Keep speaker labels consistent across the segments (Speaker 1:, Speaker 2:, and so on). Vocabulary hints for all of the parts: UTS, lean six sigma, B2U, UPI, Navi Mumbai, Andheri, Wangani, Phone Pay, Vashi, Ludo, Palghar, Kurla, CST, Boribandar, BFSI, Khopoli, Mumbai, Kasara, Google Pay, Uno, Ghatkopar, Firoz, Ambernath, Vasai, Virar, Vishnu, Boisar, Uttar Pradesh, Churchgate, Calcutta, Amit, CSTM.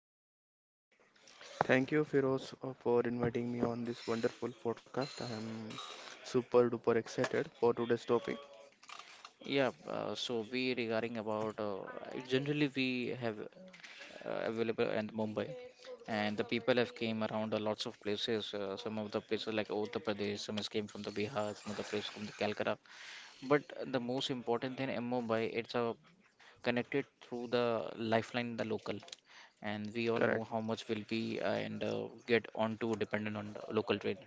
Speaker 1: Ashish.
Speaker 2: Thank you, Firoz, for inviting me on this wonderful podcast. I am super duper excited for today's topic.
Speaker 1: Yeah. So we regarding about generally we have available in Mumbai, and the people have came around lots of places. Some of the places like Uttar Pradesh. Some has came from the Bihar. Some of the places from the Calcutta. But the most important thing in Mumbai, it's connected through the lifeline, the local, and we all know
Speaker 2: Correct,
Speaker 1: how much will be and get onto dependent on the local train.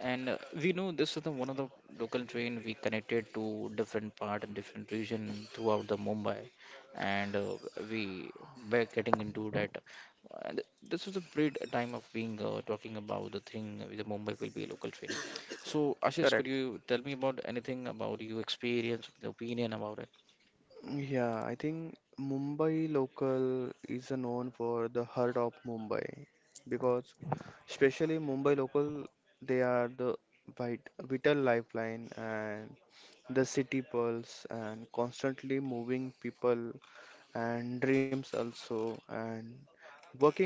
Speaker 1: And we know this is the one of the local train we connected to different part and different region throughout the Mumbai, and we were getting into that. And this is a great time of being talking about the thing with the Mumbai will be a local train. So Ashish, could
Speaker 2: correct.
Speaker 1: you tell me about anything about your experience, opinion about it?
Speaker 2: Yeah, I think Mumbai local is known for the heart of Mumbai because, especially Mumbai local, they are the vital lifeline and the city pulse and constantly moving people and dreams also, and working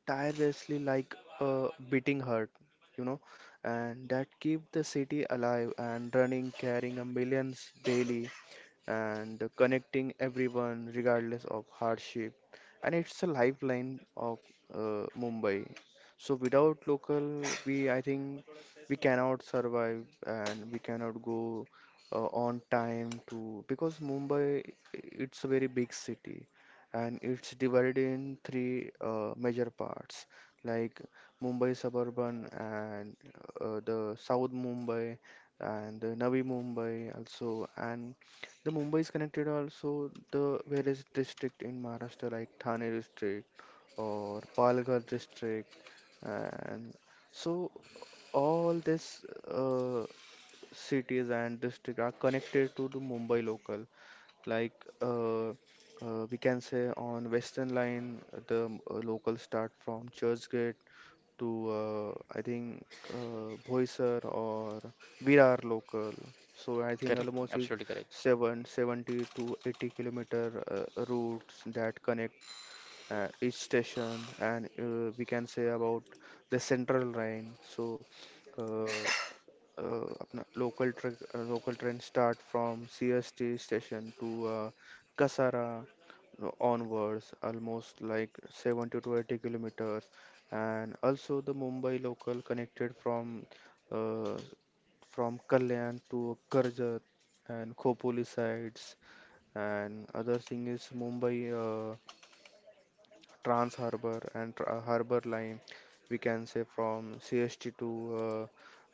Speaker 2: tirelessly like a beating heart, you know, and that keep the city alive and running, carrying a millions daily and connecting everyone regardless of hardship. And it's a lifeline of Mumbai. So without local, we I think we cannot survive and we cannot go on time to because Mumbai it's a very big city and it's divided in three major parts like Mumbai suburban and the South Mumbai and the Navi Mumbai also and the Mumbai is connected also the various district in Maharashtra like Thane district or Palghar district and so all this cities and district are connected to the Mumbai local. Like uh, we can say on Western Line, the local start from Churchgate to I think Boisar or Virar local. So I think
Speaker 1: Correct,
Speaker 2: almost is
Speaker 1: absolutely correct.
Speaker 2: 70 to 80 kilometer routes that connect each station and we can say about the central line so uh, अपना local train start from CST station to uh, Kasara onwards almost like 70 to 80 kilometers and also the Mumbai local connected uh, from Kalyan to Karjat and Khopoli sides and other thing is Mumbai uh, Trans Harbour and Harbour Line, we can say from CST to uh,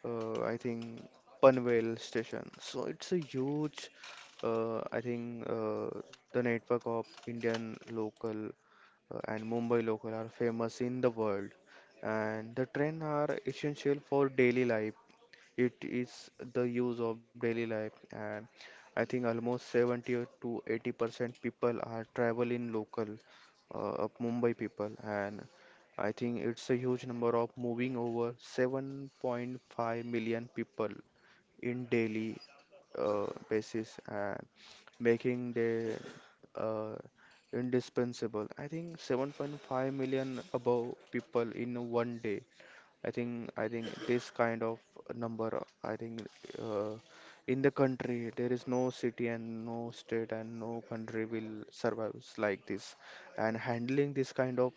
Speaker 2: I think Panvel station. So it's a huge, I think the network of Indian local and Mumbai local are famous in the world, and the train are essential for daily life, it is the use of daily life, and I think almost 70 to 80% people are traveling local, of Mumbai people, and I think it's a huge number of moving over 7.5 million people in daily basis and making the uh, indispensable. I think 7.5 million above people in one day. I think this kind of number, I think uh, in the country there is no city and no state and no country will survive like this. And handling this kind of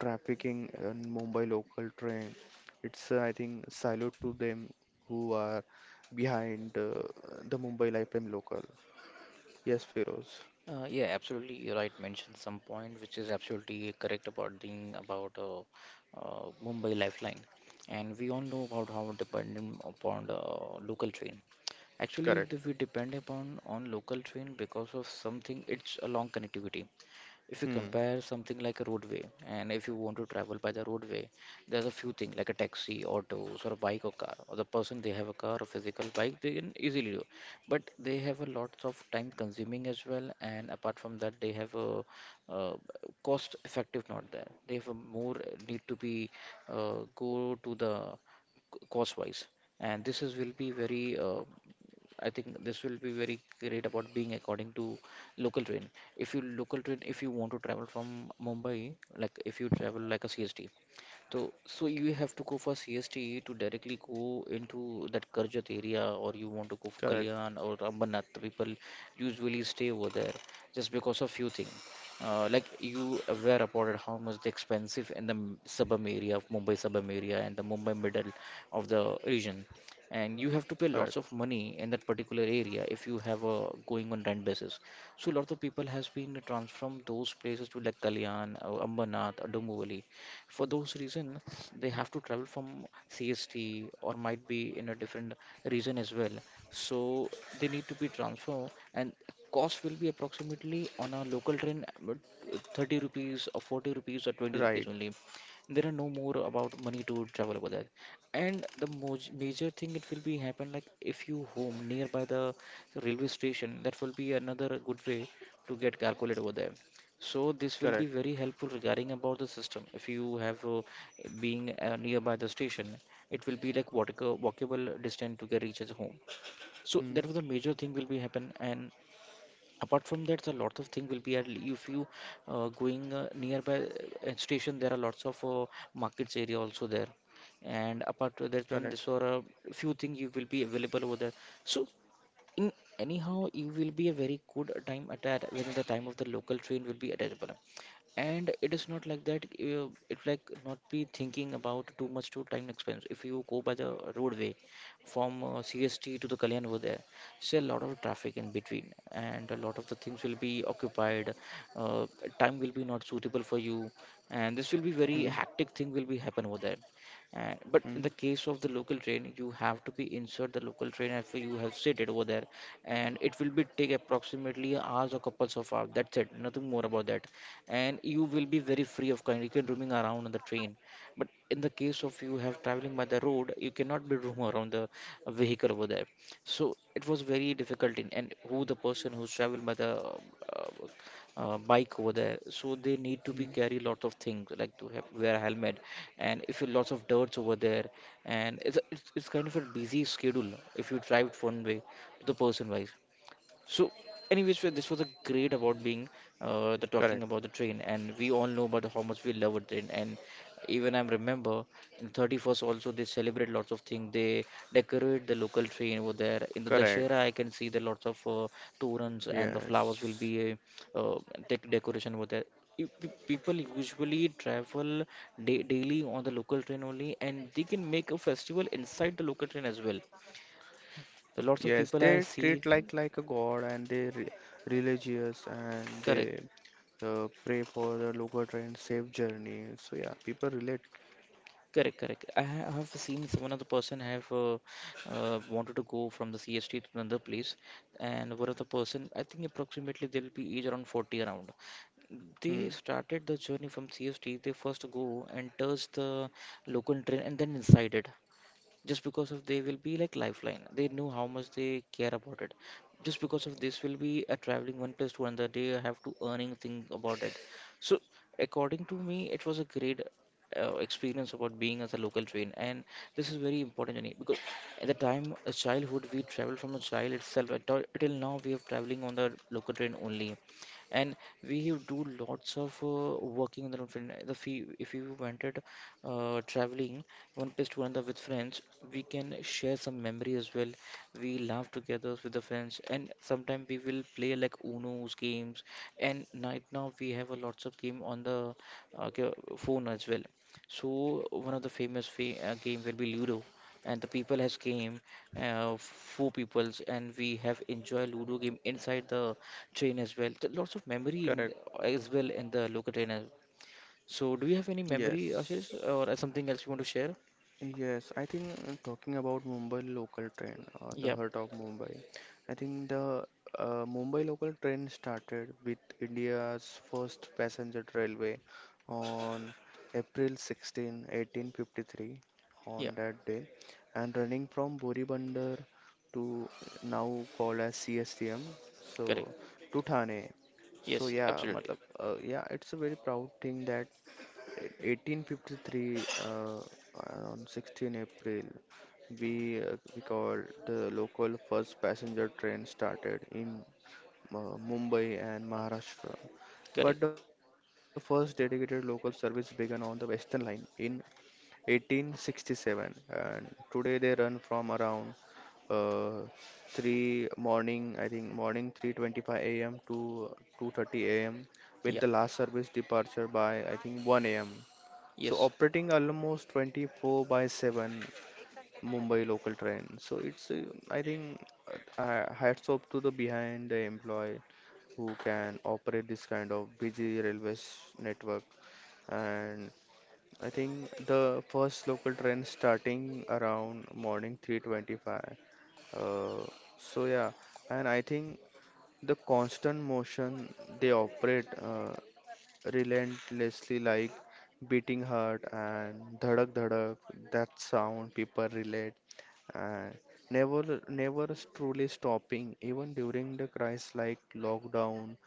Speaker 2: trafficking in Mumbai local train, it's I think salute to them who are behind the Mumbai Lifetime local. Yes, Feroz.
Speaker 1: Yeah, absolutely. You're right. Mentioned some point which is absolutely correct about the about Mumbai Lifeline, and we all know about how dependent upon the local train. Actually,
Speaker 2: Correct.
Speaker 1: we depend upon on local train because of something. It's a long connectivity if you
Speaker 2: Hmm.
Speaker 1: compare something like a roadway, and if you want to travel by the roadway there's a few things like a taxi, autos, or a bike or car, or the person they have a car or physical bike they can easily do, but they have a lots of time consuming as well, and apart from that they have a uh, cost effective not there, they have a more need to be go to the cost wise, and this is will be very I think this will be very great about being according to local train. If you local train, if you want to travel from Mumbai, like if you travel like a CST, so you have to go for CST to directly go into that Karjat area, or you want to go for
Speaker 2: Correct.
Speaker 1: Kalyan or Ambernath. People usually stay over there just because of few things. Like you aware about it, how much the expensive in the suburb area of Mumbai suburb area and the Mumbai middle of the region, and you have to pay
Speaker 2: Correct.
Speaker 1: lots of money in that particular area if you have a going on rent basis. So a lot of people has been transferred from those places to like Kalyan or Ambernath or Dombivli. For those reason they have to travel from CST or might be in a different region as well, so they need to be transferred, and cost will be approximately on a local train 30 rupees or 40 rupees or 20 rupees
Speaker 2: Right.
Speaker 1: only. There are no more about money to travel over there. And the moj major thing it will be happen, like if you home nearby the railway station, that will be another good way to get calculated over there. So this will be
Speaker 2: Correct.
Speaker 1: very helpful regarding about the system. If you have being nearby the station, it will be like walkable distance to get reaches home. So
Speaker 2: Hmm.
Speaker 1: that was the major thing will be happen. And apart from that, a lot of thing will be at if you going nearby station, there are lots of markets area also there. And apart to that, when this
Speaker 2: Correct.
Speaker 1: were a few things you will be available over there. So in anyhow it will be a very good time at that when the time of the local train will be available, and it is not like that it's like not be thinking about too much to time expense if you go by the roadway from CST to the Kalyan over there. See a lot of traffic in between, and a lot of the things will be occupied, uh, time will be not suitable for you, and this will be
Speaker 2: Hmm.
Speaker 1: very hectic thing will be happen over there. And, but
Speaker 2: Hmm.
Speaker 1: in the case of the local train, you have to be inside the local train after you have seated over there, and it will be take approximately hours or couples of hours. That's it, nothing more about that. And you will be very free of kind. You can roaming around on the train. But in the case of you have traveling by the road, you cannot be roam around the vehicle over there. So it was very difficult in, and who the person who's traveled by the uh, bike over there. So they need to
Speaker 2: Hmm.
Speaker 1: be carry lot of things like to have, wear helmet, and if you lots of dirts over there, and it's, it's kind of a busy schedule if you drive it one way to the person wise. So, anyways, well, this was a great about being the
Speaker 2: Correct.
Speaker 1: talking about the train, and we all know about how much we love a train. And even I remember in 31st also they celebrate lots of things. They decorate the local train over there. In the
Speaker 2: Correct.
Speaker 1: Dashera, I can see the lots of torans and the flowers will be
Speaker 2: Yes,
Speaker 1: a uh, decoration over there. If pe- People usually travel da daily on the local train only, and they can make a festival inside the local train as well. The lots of
Speaker 2: yes,
Speaker 1: people I
Speaker 2: they
Speaker 1: see,
Speaker 2: treat like a god, and they re religious, and
Speaker 1: correct.
Speaker 2: they pray for the local train safe journey. So yeah, people relate.
Speaker 1: Correct, correct. I have seen some another person have wanted to go from the CST to another place, and one of the person, I think approximately they'll be age around 40 around.
Speaker 2: Hmm,
Speaker 1: They started the journey from CST. They first go and touch the local train, and then inside it just because of they will be like lifeline, they know how much they care about it just because of this will be a traveling one place to another, they have to earning thing about it. So according to me it was a great experience about being as a local train, and this is very important, Jenny, because at the time a childhood we travel from a child itself right, till now we are traveling on the local train only, and we do lots of working on the local train. The fee if you wanted traveling one place to another with friends, we can share some memory as well. We laugh together with the friends, and sometimes we will play like Uno's games. And right now we have a lots of game on the phone as well. So one of the famous fa game will be Ludo, and the people has game four peoples, and we have enjoy Ludo game inside the train as well. There lots of memory
Speaker 2: correct.
Speaker 1: in, as well in the local train as well. So, do you have any
Speaker 2: Yes,
Speaker 1: memory, Ashish, or something else you want to share?
Speaker 2: Yes, I think talking about Mumbai local train, the
Speaker 1: Yeah,
Speaker 2: heart of Mumbai. I think the Mumbai local train started with India's first passenger railway on April 16, 1853
Speaker 1: yeah,
Speaker 2: on that day, and running from Boribandar to now called as CSTM,
Speaker 1: correct.
Speaker 2: so to Thane. So
Speaker 1: Yes,
Speaker 2: yeah,
Speaker 1: absolutely.
Speaker 2: matlab, yeah, it's a very proud thing that 1853, on 16 April, we called the local first passenger train started in Mumbai and Maharashtra. But
Speaker 1: Correct.
Speaker 2: the first dedicated local service began on the Western Line in 1867, and today they run from around uh, 3 morning, I think morning 3:25 a.m. to 2:30 a.m., with
Speaker 1: Yeah,
Speaker 2: the last service departure by I think 1 a.m. So
Speaker 1: yes,
Speaker 2: operating almost 24 by 7 Mumbai local train. So it's, I think, hats off to the behind the employee who can operate this kind of busy railways network. And I think the first local train starting around morning 3:25. Uh, so yeah, and I think the constant motion they operate. Relentlessly like beating heart and dhadak dhadak, that sound people relate and never truly stopping even during the crisis like lockdown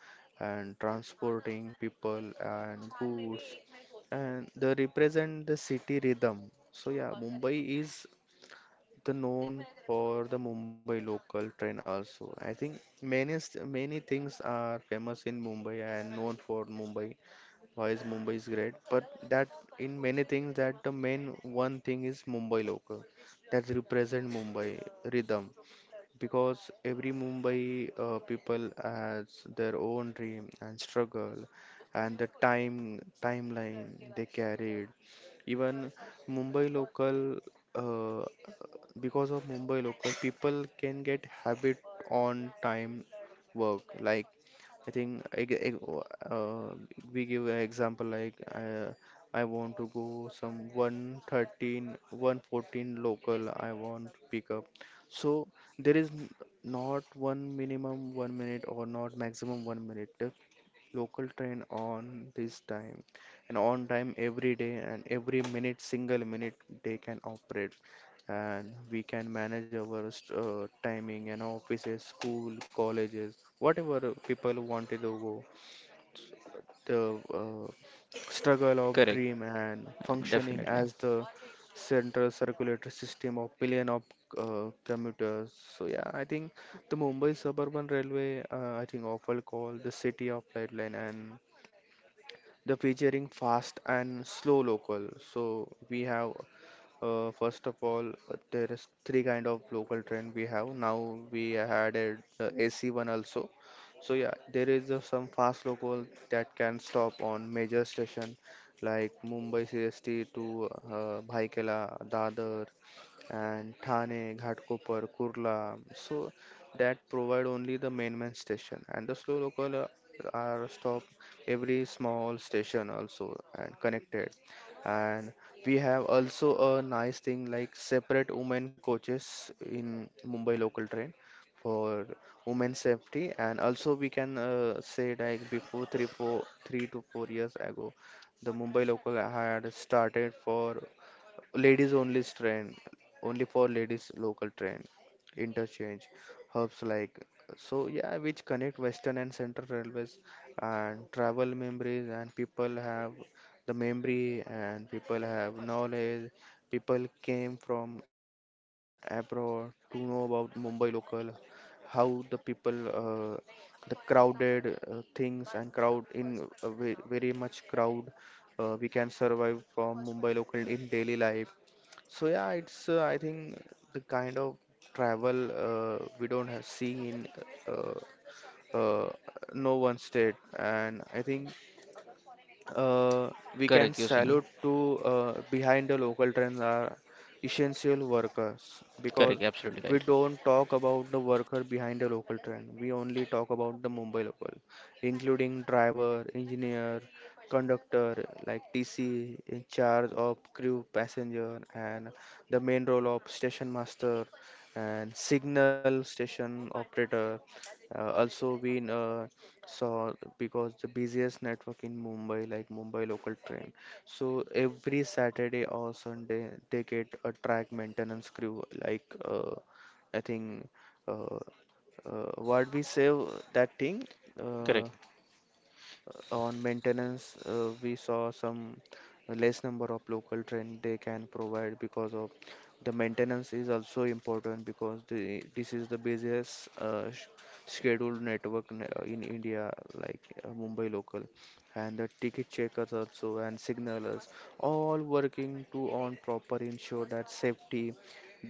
Speaker 2: and transporting people and goods, and they represent the city rhythm. So yeah, Mumbai is the known for the Mumbai local train also. I think many many things are famous in Mumbai and known for Mumbai. Why is Mumbai is great, but that in many things that the main one thing is Mumbai local that represent Mumbai rhythm, because every Mumbai people has their own dream and struggle, and the timeline they carried, even Mumbai local. uh, because of Mumbai local, people can get habit on time work. Like I think we give an example like I want to go some 113, 114 local. I want pick up. So there is not one minimum 1 minute or not maximum 1 minute local train on this time, and on time every day, and every minute single minute they can operate, and we can manage our timing and offices, school, colleges, whatever people wanted to go, the struggle of
Speaker 1: correct,
Speaker 2: dream, and functioning
Speaker 1: definitely.
Speaker 2: as the central circulatory system of billion of commuters. So yeah, I think the Mumbai suburban railway, I think, often called the city of lifeline, and the featuring fast and slow local. So we have, first of all, there is three kind of local train we have. Now we had the AC one also. So yeah, there is some fast local that can stop on major station like Mumbai CST to Bhaikela, Dadar, and Thane, Ghatkopar, Kurla. So that provide only the main main station, and the slow local are stop every small station also and connected. And we have also a nice thing like separate women coaches in Mumbai local train for women safety, and also we can say like before three to 4 years ago the Mumbai local had started for Ladies only train, only for ladies local train, interchange, hubs like, so yeah, which connect Western and Central Railways, and travel memories and people have the memory and people have knowledge. People came from abroad to know about Mumbai local, how the people, the crowded things, and crowd in, very much crowd, we can survive from Mumbai local in daily life. So yeah, it's I think the kind of travel we don't have seen uh, uh, no one state, and I think uh, we can
Speaker 1: Correct, you're saying.
Speaker 2: salute to behind the local trends are essential workers, because
Speaker 1: Correct. Absolutely
Speaker 2: we
Speaker 1: right.
Speaker 2: don't talk about the worker behind the local trend. We only talk about the Mumbai local, including driver, engineer, conductor like TC in charge of crew passenger, and the main role of station master and signal station operator. Also, we so because the busiest network in Mumbai, like Mumbai local train, so every Saturday or Sunday they get a track maintenance crew. Like I think uh, what we say that thing. Uh,
Speaker 1: Correct.
Speaker 2: on maintenance, we saw some less number of local train they can provide because of the maintenance is also important, because this is the busiest scheduled network, in India, like Mumbai local, and the ticket checkers also and signalers, all working to on proper ensure that safety.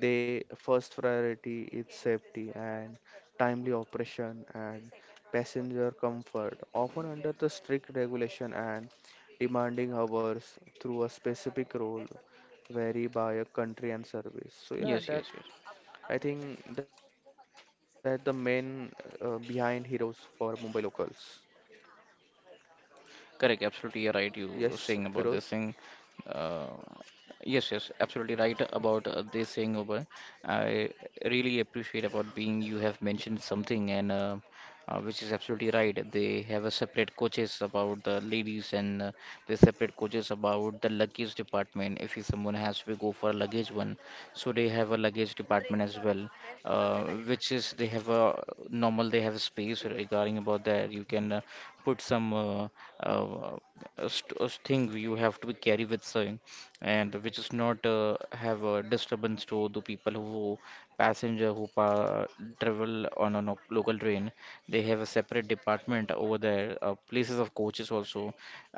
Speaker 2: They first priority is safety and timely operation and passenger comfort, often under the strict regulation and demanding hours through a specific role vary by a country and service. So yeah,
Speaker 1: Yes,
Speaker 2: that
Speaker 1: yes, yes.
Speaker 2: I think that the main behind heroes for Mumbai locals.
Speaker 1: Correct, absolutely you're
Speaker 2: Yes,
Speaker 1: right. You
Speaker 2: Feroz.
Speaker 1: saying about this thing. Uh, yes, yes, absolutely right about this thing over. I really appreciate about being you have mentioned something and which is absolutely right. They have a separate coaches about the ladies, and they separate coaches about the luggage department. If someone has to go for a luggage one, so they have a luggage department as well, uh, which is they have a normal, they have a space regarding about that. You can put some uh, uh, thing you have to carry with you, and which is not have a disturbance to the people who passenger travel on a local train. They have a separate department over there, places of coaches also.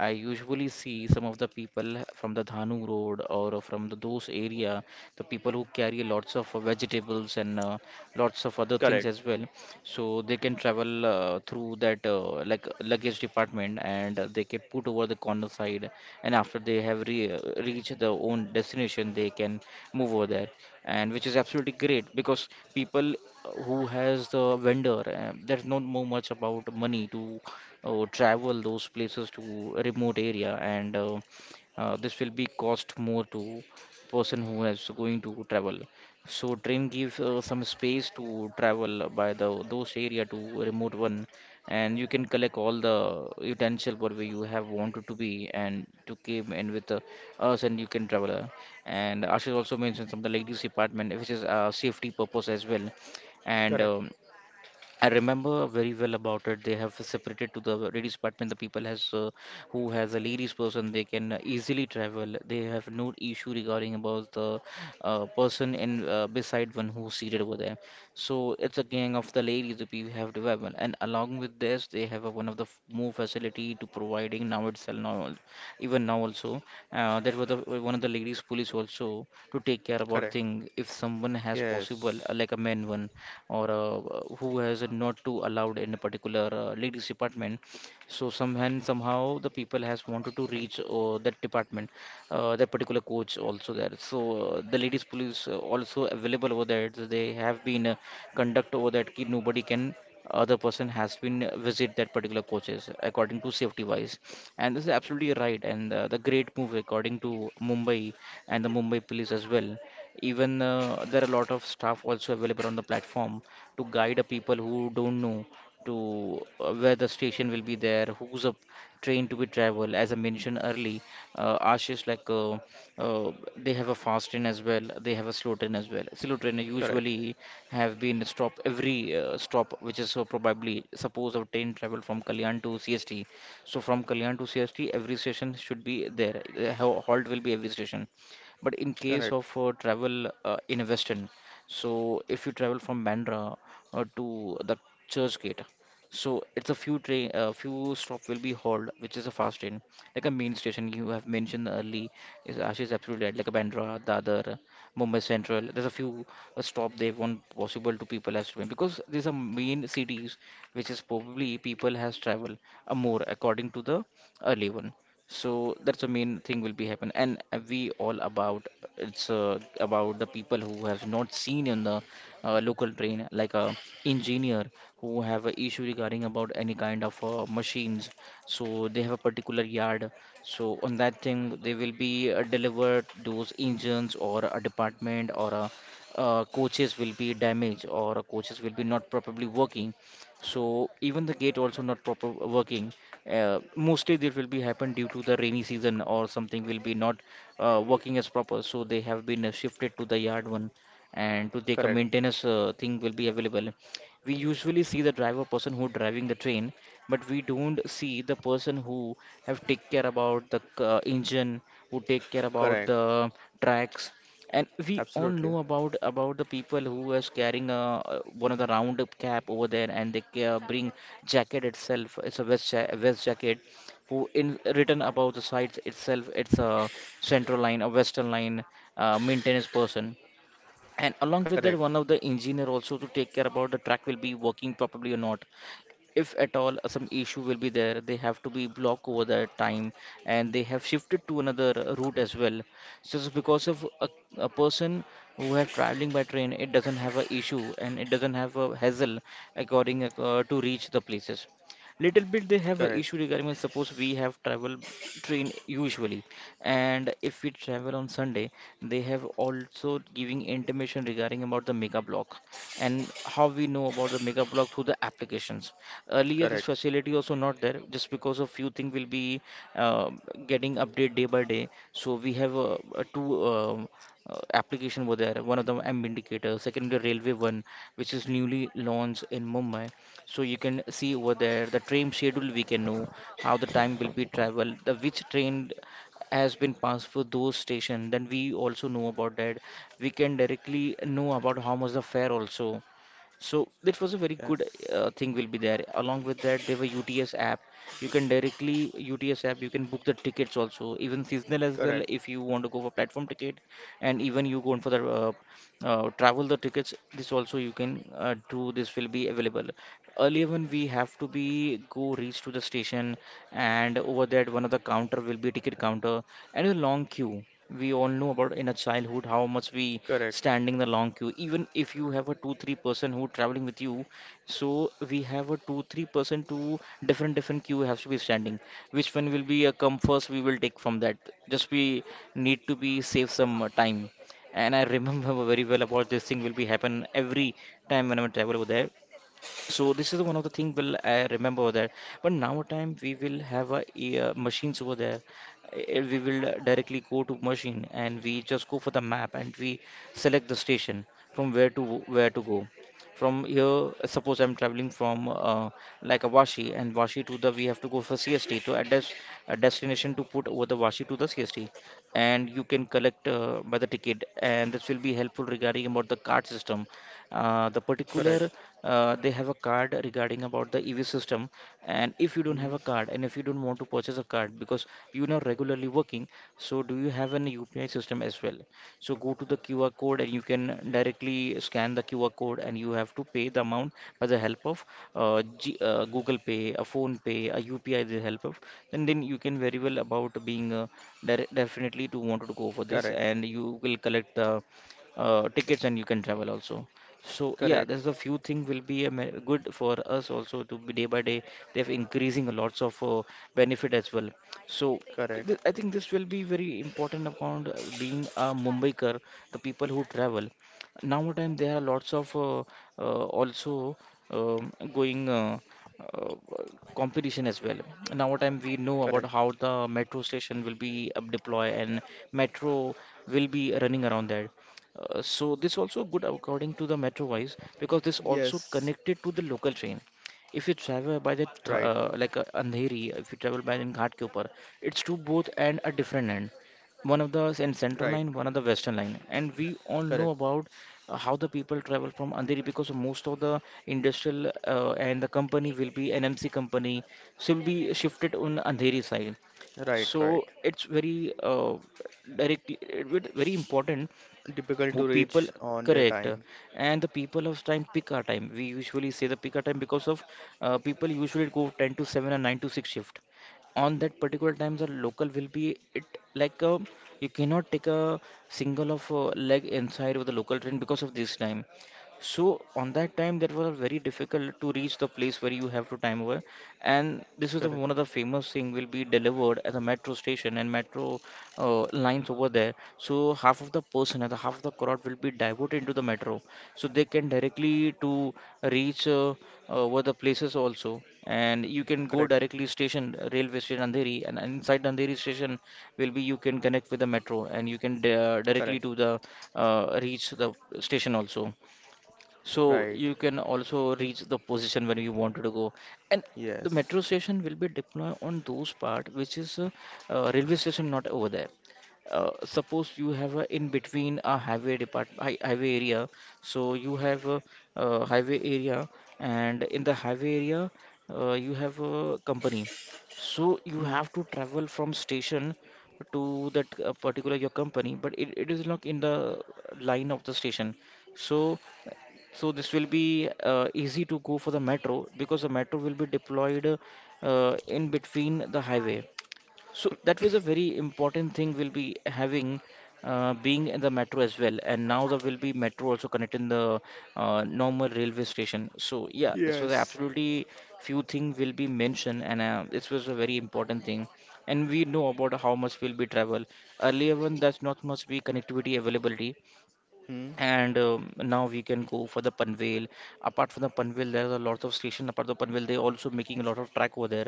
Speaker 1: I usually see some of the people from the Dhanu Road or from the, those area, the people who carry lots of vegetables and lots of other
Speaker 2: Correct,
Speaker 1: things as well, so they can travel through that like luggage department, and they can put over the corner side, and after they have reached their own destination they can move over there. And which is absolutely great because people who has the vendor, there's not more much about money to travel those places to a remote area, and this will be cost more to person who is going to travel. So train gives some space to travel by the those area to remote one, and you can collect all the utensil whatever you have wanted to be and to came and with us, and you can travel. And Ashish also mentioned some of the ladies department which is safety purpose as well, and
Speaker 2: correct,
Speaker 1: I remember very well about it. They have separated to the ladies department. The people has who has a ladies person, they can easily travel. They have no issue regarding about the person in beside one who's seated over there. So it's a gang of the ladies that people have development, and along with this, they have a, one of the more facility to providing now itself now even now also there was the, one of the ladies police also to take care about
Speaker 2: correct.
Speaker 1: thing if someone has possible
Speaker 2: Yes.
Speaker 1: like a man one or who has not to allowed in a particular leader's department so somehow the people has wanted to reach that department that particular coach also there so the ladies police also available over there so they have been conduct over that ki nobody can other person has been visit that particular coaches according to safety wise. And this is absolutely right and the great move according to Mumbai and the Mumbai police as well. Even there are a lot of staff also available on the platform to guide a people who don't know to where the station will be there who's a train to be travel as I mentioned early Ashish like they have a fast train as well, they have a slow train as well. Slow train
Speaker 2: Correct,
Speaker 1: usually have been stop every stop, which is probably suppose a train travel from Kalyan to CST, so from Kalyan to CST every station should be there. The halt will be every station, but in case
Speaker 2: correct,
Speaker 1: of travel in Western, so if you travel from Bandra to the Churchgate, so it's a few train, a few stop will be halt, which is a fast train, like a main station you have mentioned early. Is Ashish is absolutely right, like a Bandra, Dadar, Mumbai Central. There's a few stop they want possible to people as well, because these are main cities, which is probably people has travel more according to the early one. So that's the main thing will be happen, and we all about it's about the people who have not seen in the local train like a engineer who have a issue regarding about any kind of machines, so they have a particular yard. So on that thing they will be delivered those engines or a department or a coaches will be damaged, or coaches will be not properly working. So even the gate also not proper working mostly there will be happen due to the rainy season, or something will be not working as proper, so they have been shifted to the yard one and to take a
Speaker 2: correct,
Speaker 1: maintenance thing will be available. We usually see the driver person who driving the train, but we don't see the person who have take care about the engine, who take care about
Speaker 2: correct.
Speaker 1: the tracks. And we all know
Speaker 2: Absolutely.
Speaker 1: about the people who was carrying one of the round up cap over there, and they bring jacket itself. It's a vest ja vest jacket. Who in written about the sides itself? It's a central line, a western line, maintenance person. And along with
Speaker 2: Correct,
Speaker 1: that, one of the engineer also to take care about the track will be working properly or not. If at all some issue will be there, they have to be blocked over that time, and they have shifted to another route as well. So it's because of a person who have traveling by train, it doesn't have a issue and it doesn't have a hassle according to reach the places. Little bit they have a
Speaker 2: correct,
Speaker 1: issue regarding when suppose we have travel train usually, and if we travel on Sunday, they have also giving information regarding about the mega block. And how we know about the mega block through the applications? Earlier, this
Speaker 2: correct.
Speaker 1: facility also not there, just because of few things will be uh, getting update day by day. So we have two application over there. One of them M indicator, second the railway one, which is newly launched in Mumbai. So you can see over there the train schedule. We can know how the time will be travel, the which train has been passed for those station, then we also know about that. We can directly know about how much the fare also, so that was a very good
Speaker 2: Yes.
Speaker 1: thing will be there. Along with that, they were UTS app. You can directly UTS app. You can book the tickets also, even seasonal as
Speaker 2: Correct,
Speaker 1: well. If you want to go for platform ticket, and even you go for the travel the tickets, this also you can do. This will be available. Earlier when we have to be go reach to the station, and over that one of the counter will be ticket counter and a long queue. We all know about in a childhood how much we
Speaker 2: correct,
Speaker 1: standing the long queue, even if you have a two three person who traveling with you, so we have a two three person to different different queue has to be standing, which one will be a come first we will take from that. Just we need to be save some time, and I remember very well about this thing will be happen every time when I travel over there. So this is one of the thing will I remember that. But now time we will have a, machines over there. We will directly go to machine, and we just go for the map and we select the station from where to go. From here, suppose I'm traveling from like a Vashi, and Vashi to the we have to go for CST to a, des a destination to put over the Vashi to the CST, and you can collect by the ticket, and this will be helpful regarding about the card system the
Speaker 2: correct.
Speaker 1: particular they have a card regarding about the EV system. And if you don't have
Speaker 2: Mhm.
Speaker 1: a card, and if you don't want to purchase a card because you're not regularly working, so do you have an UPI system as well? So go to the QR code and you can directly scan the QR code, and you have to pay the amount by the help of Google Pay a phone pay a UPI the help of, and then you can very well about being definitely to want to go for this,
Speaker 2: Correct,
Speaker 1: and you will collect the tickets and you can travel also. So yeah, there's
Speaker 2: correct.
Speaker 1: a few thing will be a good for us also to be day by day. They're increasing lots of benefit as well. So
Speaker 2: Correct.
Speaker 1: I think this will be very important account being a Mumbaikar, the people who travel. Nowadays there are lots of also going uh, competition as well. Nowadays we know
Speaker 2: Correct.
Speaker 1: about how the metro station will be deployed and metro will be running around that. So this also good according to the metro wise, because this also
Speaker 2: Yes.
Speaker 1: connected to the local train. If you travel by
Speaker 2: Right.
Speaker 1: the like Andheri, if you travel by in Ghatkopar, it's to both end a different end. One of the in
Speaker 2: Right.
Speaker 1: central line, one of the western line, and we all
Speaker 2: Correct.
Speaker 1: know about how the people travel from Andheri, because most of the industrial and the company will be NMC company, so will be shifted on Andheri side.
Speaker 2: Right. Right.
Speaker 1: So it's very directly it very important
Speaker 2: Difficult
Speaker 1: who
Speaker 2: to
Speaker 1: people
Speaker 2: reach on their
Speaker 1: correct
Speaker 2: time.
Speaker 1: and the people of time pick our time, we usually say the pick our time, because of people usually go 10 to 7 or 9 to 6 shift. On that particular time the local will be it like a, you cannot take a single of leg inside of the local train because of this time. So on that time, that was very difficult to reach the place where you have to time over, and this is the,
Speaker 2: Correct.
Speaker 1: one of the famous thing will be delivered at the metro station and metro lines over there. So half of the person and the half of the crowd will be diverted into the metro, so they can directly to reach over the places also. And you can go
Speaker 2: Correct.
Speaker 1: directly station railway station Andheri, and inside Andheri station will be you can connect with the metro, and you can directly
Speaker 2: Correct.
Speaker 1: to the reach the station also. So
Speaker 2: Right.
Speaker 1: you can also reach the position when you wanted to go. And the
Speaker 2: Yes.
Speaker 1: metro station will be deployed on those part which is railway station not over there. Suppose you have a in between a highway highway area, so you have a highway area, and in the highway area you have a company. So you
Speaker 2: Hmm.
Speaker 1: have to travel from station to that particular your company, but it is not in the line of the station. So so this will be easy to go for the metro because the metro will be deployed in between the highway. So that was a very important thing we'll be having being in the metro as well. And now there will be metro also connecting the normal railway station. So yeah, this was
Speaker 2: Yes.
Speaker 1: absolutely few thing will be mentioned, and this was a very important thing. And we know about how much will be travel. Earlier one, that's not much be connectivity availability
Speaker 2: Hmm.
Speaker 1: and now we can go for the Panvel. Apart from the Panvel, there are a lot of station. Apart the Panvel, they also making a lot of track over there.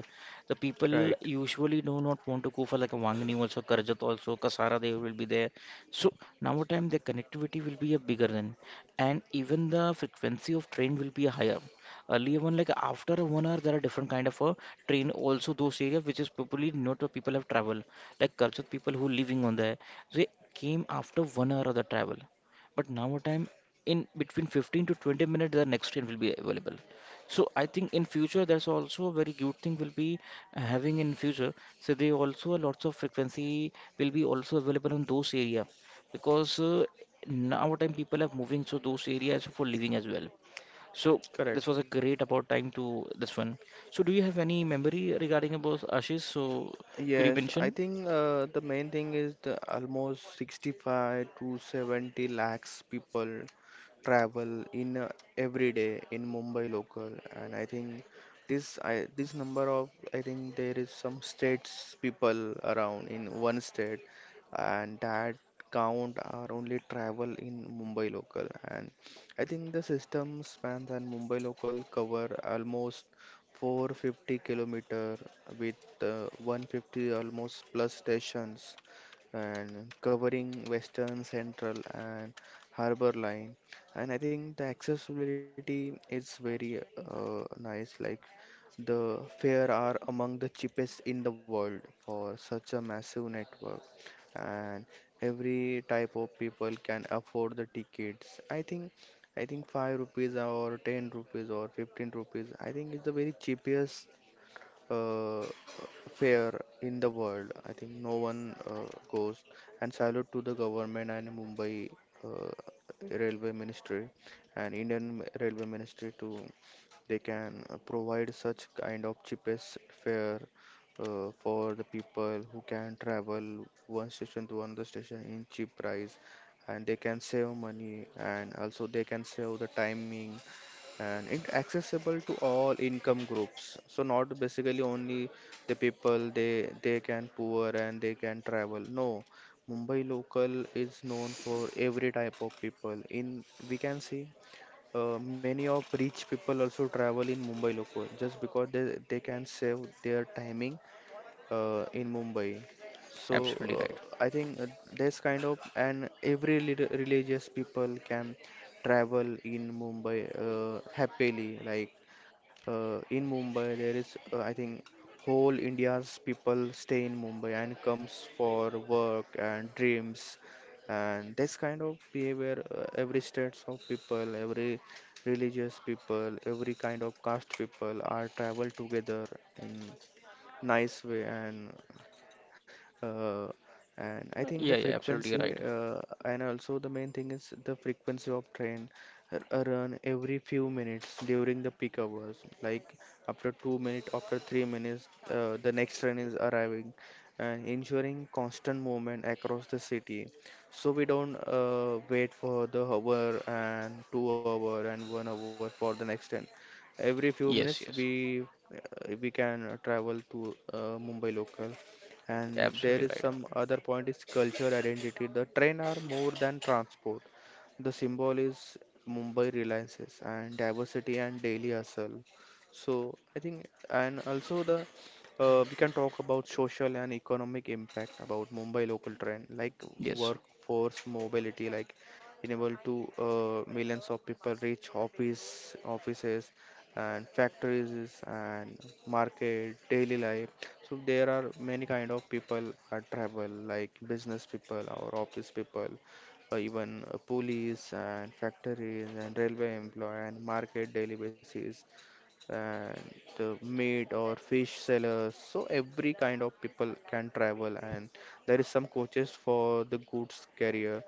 Speaker 1: The people
Speaker 2: Right.
Speaker 1: usually do not want to go for like a Wangani also, Karjat also, Kasara they will be there. So now time the connectivity will be a bigger then, and even the frequency of train will be higher. Earlier one like after a one hour there are different kind of a train also those areas which is probably not what people have travel like Karjat people who living on there they came after one hour of the travel but now a time in between 15 to 20 minutes the next train will be available so I think in future that's also a very good thing will be having in future so they also lots of frequency will be also available in those area because now time people are moving to those areas for living as well so this
Speaker 2: Correct.
Speaker 1: was a great about time to this one so do you have any memory regarding about ashish so could you
Speaker 2: Yes, I
Speaker 1: mention.
Speaker 2: think the main thing is the almost 65 to 70 lakhs people travel in every day in Mumbai local, and I think this number of, I think there is some states people around in one state, and that count are only travel in Mumbai local, and I think the system spans and Mumbai local cover almost 450-kilometer with 150 almost plus stations and covering western, central, and harbor line, and I think the accessibility is very nice, like the fare are among the cheapest in the world for such a massive network, and every type of people can afford the tickets. I think 5 rupees or 10 rupees or 15 rupees. I think it's the very cheapest uh, fair in the world. I think no one goes, and salute to the government and Mumbai uh, Railway Ministry and Indian Railway Ministry too. They can provide such kind of cheapest fare for the people who can travel one station to another station in cheap price, and they can save money and also they can save the timing, and it's accessible to all income groups. So not basically only the people they can poor and they can travel. No, Mumbai local is known for every type of people. In we can see Many of rich people also travel in Mumbai local just because they can save their timing in Mumbai. So
Speaker 1: Absolutely right.
Speaker 2: I think This kind of and every religious people can travel in Mumbai happily. Like in Mumbai, there is, I think, whole India's people stay in Mumbai and comes for work and dreams. And this kind of behavior, every states of people, every religious people, every kind of caste people are travel together nice way. And uh, and I think the
Speaker 1: Yeah, yeah, absolutely
Speaker 2: frequency
Speaker 1: right.
Speaker 2: and also the main thing is the frequency of train run every few minutes during the peak hours, like after 2 minutes, after 3 minutes, the next train is arriving and ensuring constant movement across the city, so we don't wait for the hour and 2 hour and 1 hour for the next train. Every few minutes
Speaker 1: Yes, yes,
Speaker 2: we can travel to Mumbai local. And there
Speaker 1: absolutely
Speaker 2: is
Speaker 1: right.
Speaker 2: some other point is culture identity, the train are more than transport. The symbol is Mumbai reliances and diversity and daily hustle. So I think, and also the we can talk about social and economic impact about Mumbai local train, like
Speaker 1: Yes,
Speaker 2: workforce mobility, like enable to millions of people reach offices and factories and market daily life. So there are many kind of people at travel, like business people or office people, or even police and factories and railway employee and market daily basis and the meat or fish sellers. So every kind of people can travel, and there is some coaches for the goods carrier,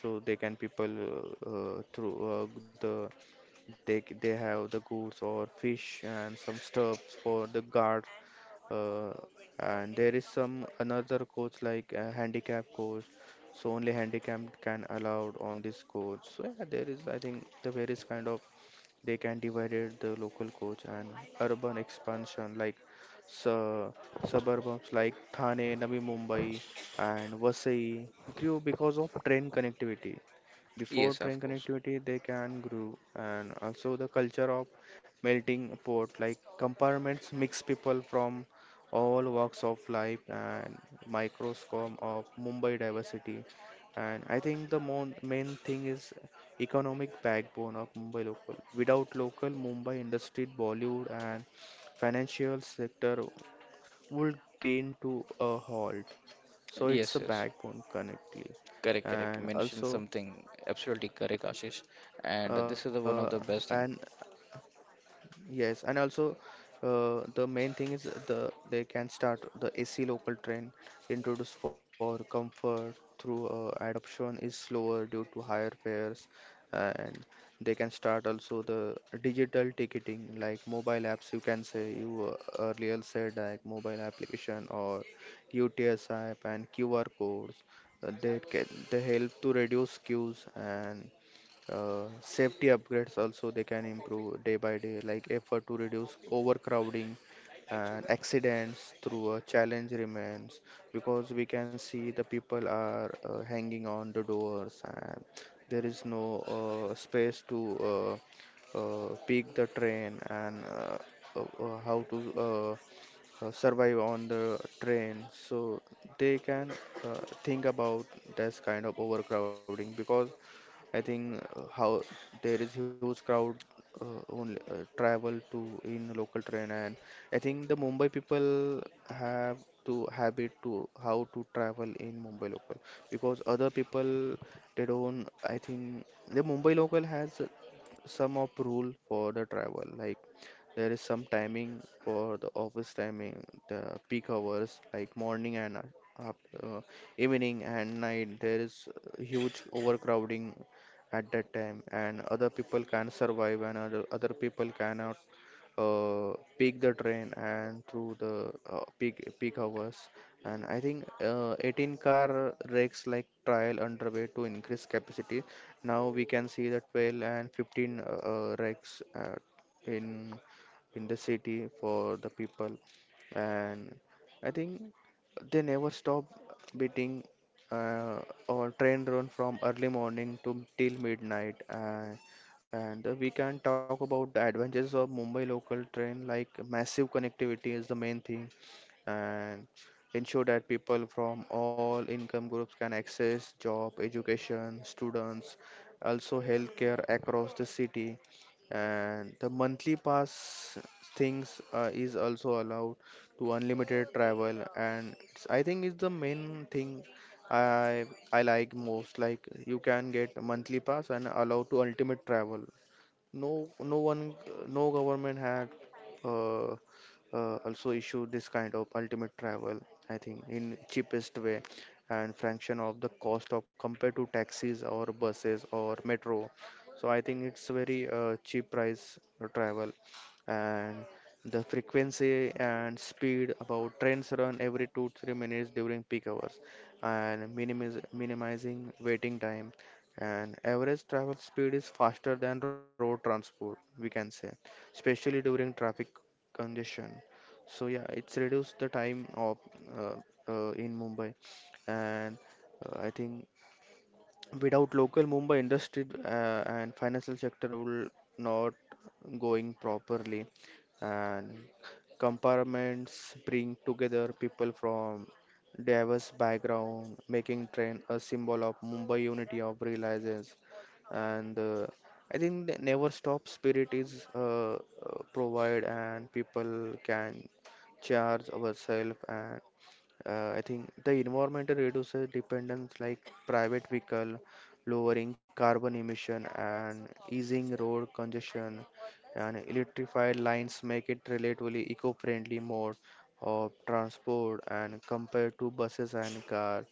Speaker 2: so they can people through the they have the goods or fish and some stuffs for the guard. Uh, and there is some another coach like a handicap coach, so only handicap can allowed on this coach. So yeah, there is, I think, the various kind of they can divide the local coach. And urban expansion, like su- suburbs like Thane, Navi Mumbai, and Vasai grew because of train connectivity. Before
Speaker 1: yes, of
Speaker 2: train
Speaker 1: course.
Speaker 2: connectivity, they can grow. And also the culture of melting pot, like compartments mix people from all walks of life, and microscope of Mumbai diversity. And I think the main thing is economic backbone of Mumbai local. Without local Mumbai industry, Bollywood and financial sector would grind to a halt. So it's
Speaker 1: Yes,
Speaker 2: a
Speaker 1: yes.
Speaker 2: backbone connectly,
Speaker 1: Correct, correct. You
Speaker 2: and
Speaker 1: mentioned
Speaker 2: also
Speaker 1: something absolutely correct, Ashish. And
Speaker 2: uh,
Speaker 1: this is the one of the
Speaker 2: and
Speaker 1: best thing.
Speaker 2: Yes, and also the main thing is the they can start the AC local train introduced for comfort through adoption is slower due to higher fares. And they can start also the digital ticketing like mobile apps. You can say you earlier said like mobile application or UTS app and QR codes. They can they help to reduce queues. And safety upgrades also they can improve day by day, like effort to reduce overcrowding and accidents through a challenge remains, because we can see the people are hanging on the doors and there is no space to pick the train and how to survive on the train. So they can think about this kind of overcrowding, because I think how there is huge crowd only travel to in local train. And I think the Mumbai people have to habit to how to travel in Mumbai local, because other people they don't, I think. The Mumbai local has some of rule for the travel, like there is some timing for the office timing, the peak hours like morning and after, uh, evening and night. There is huge overcrowding at that time, and other people can survive, and other people cannot peak the train and through the peak hours. And I think 18 car rakes like trial underway to increase capacity. Now we can see that 12 and 15 rakes in in the city for the people. And I think they never stop beating. Uh, our train run from early morning to till midnight. And we can talk about the advantages of Mumbai local train, like massive connectivity is the main thing, and ensure that people from all income groups can access job, education, students, also healthcare across the city. And the monthly pass things is also allowed to unlimited travel. And it's, I think it's the main thing I I like most. Like you can get a monthly pass and allow to ultimate travel. No, No one, no government had uh, also issued this kind of ultimate travel, I think, in cheapest way and fraction of the cost of compared to taxis or buses or metro. So I think it's very cheap price travel. And the frequency and speed about trains run every 2 3 minutes during peak hours, and minimizing waiting time. And average travel speed is faster than road transport, we can say, especially during traffic congestion. So yeah, it's reduced the time of uh, in Mumbai. And uh, i think without local Mumbai industry and financial sector will not going properly. And compartments bring together people from diverse background, making train a symbol of Mumbai unity of realizes. And I think the never stop spirit is provide and people can charge ourselves. And I think the environmental reduces dependence like private vehicle, lowering carbon emission and easing road congestion. And electrified lines make it relatively eco-friendly mode of transport and compared to buses and car.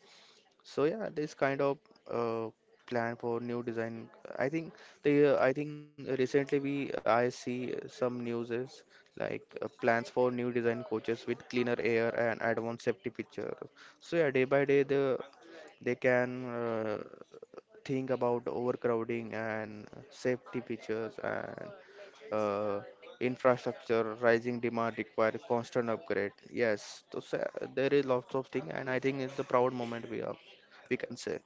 Speaker 2: So yeah, this kind of uh, plan for new design. I think the I think recently we I see some news is like plans for new design coaches with cleaner air and advanced safety feature. So yeah, day by day the they can think about overcrowding and safety features and uh, infrastructure. Rising demand require constant upgrade. Yes, so there is lots of thing. And I think it's the proud moment we are, we can say.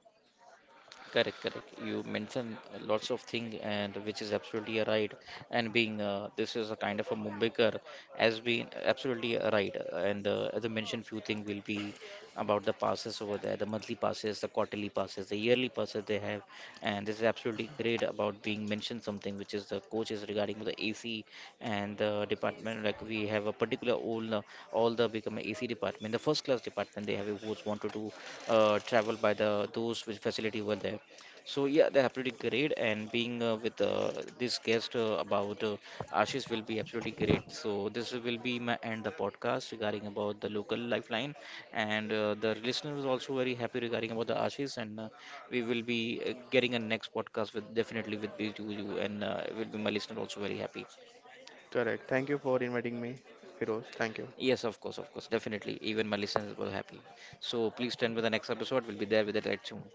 Speaker 1: Correct, correct. You mentioned lots of thing and which is absolutely right. And being this is a kind of a Mumbaikar has been absolutely right. And as I mentioned, few things will be about the passes over there, the monthly passes, the quarterly passes, the yearly passes they have. And this is absolutely great about being mentioned something which is the coaches regarding the AC and the department like we have a particular all the become AC department the first class department they have a who's wanted to travel by the those which facility were there so yeah they're absolutely great and being with this guest about Ashish will be absolutely great so this will be my end the podcast regarding about the local lifeline and the listener is also very happy regarding about the Ashish and we will be getting a next podcast with definitely with B2U and will be my listener also very happy.
Speaker 2: Correct. Thank you for inviting me, Heroes. Thank you.
Speaker 1: Yes, of course, definitely. Even my listeners were happy. So please stand by the next episode. We'll be there with the right tune.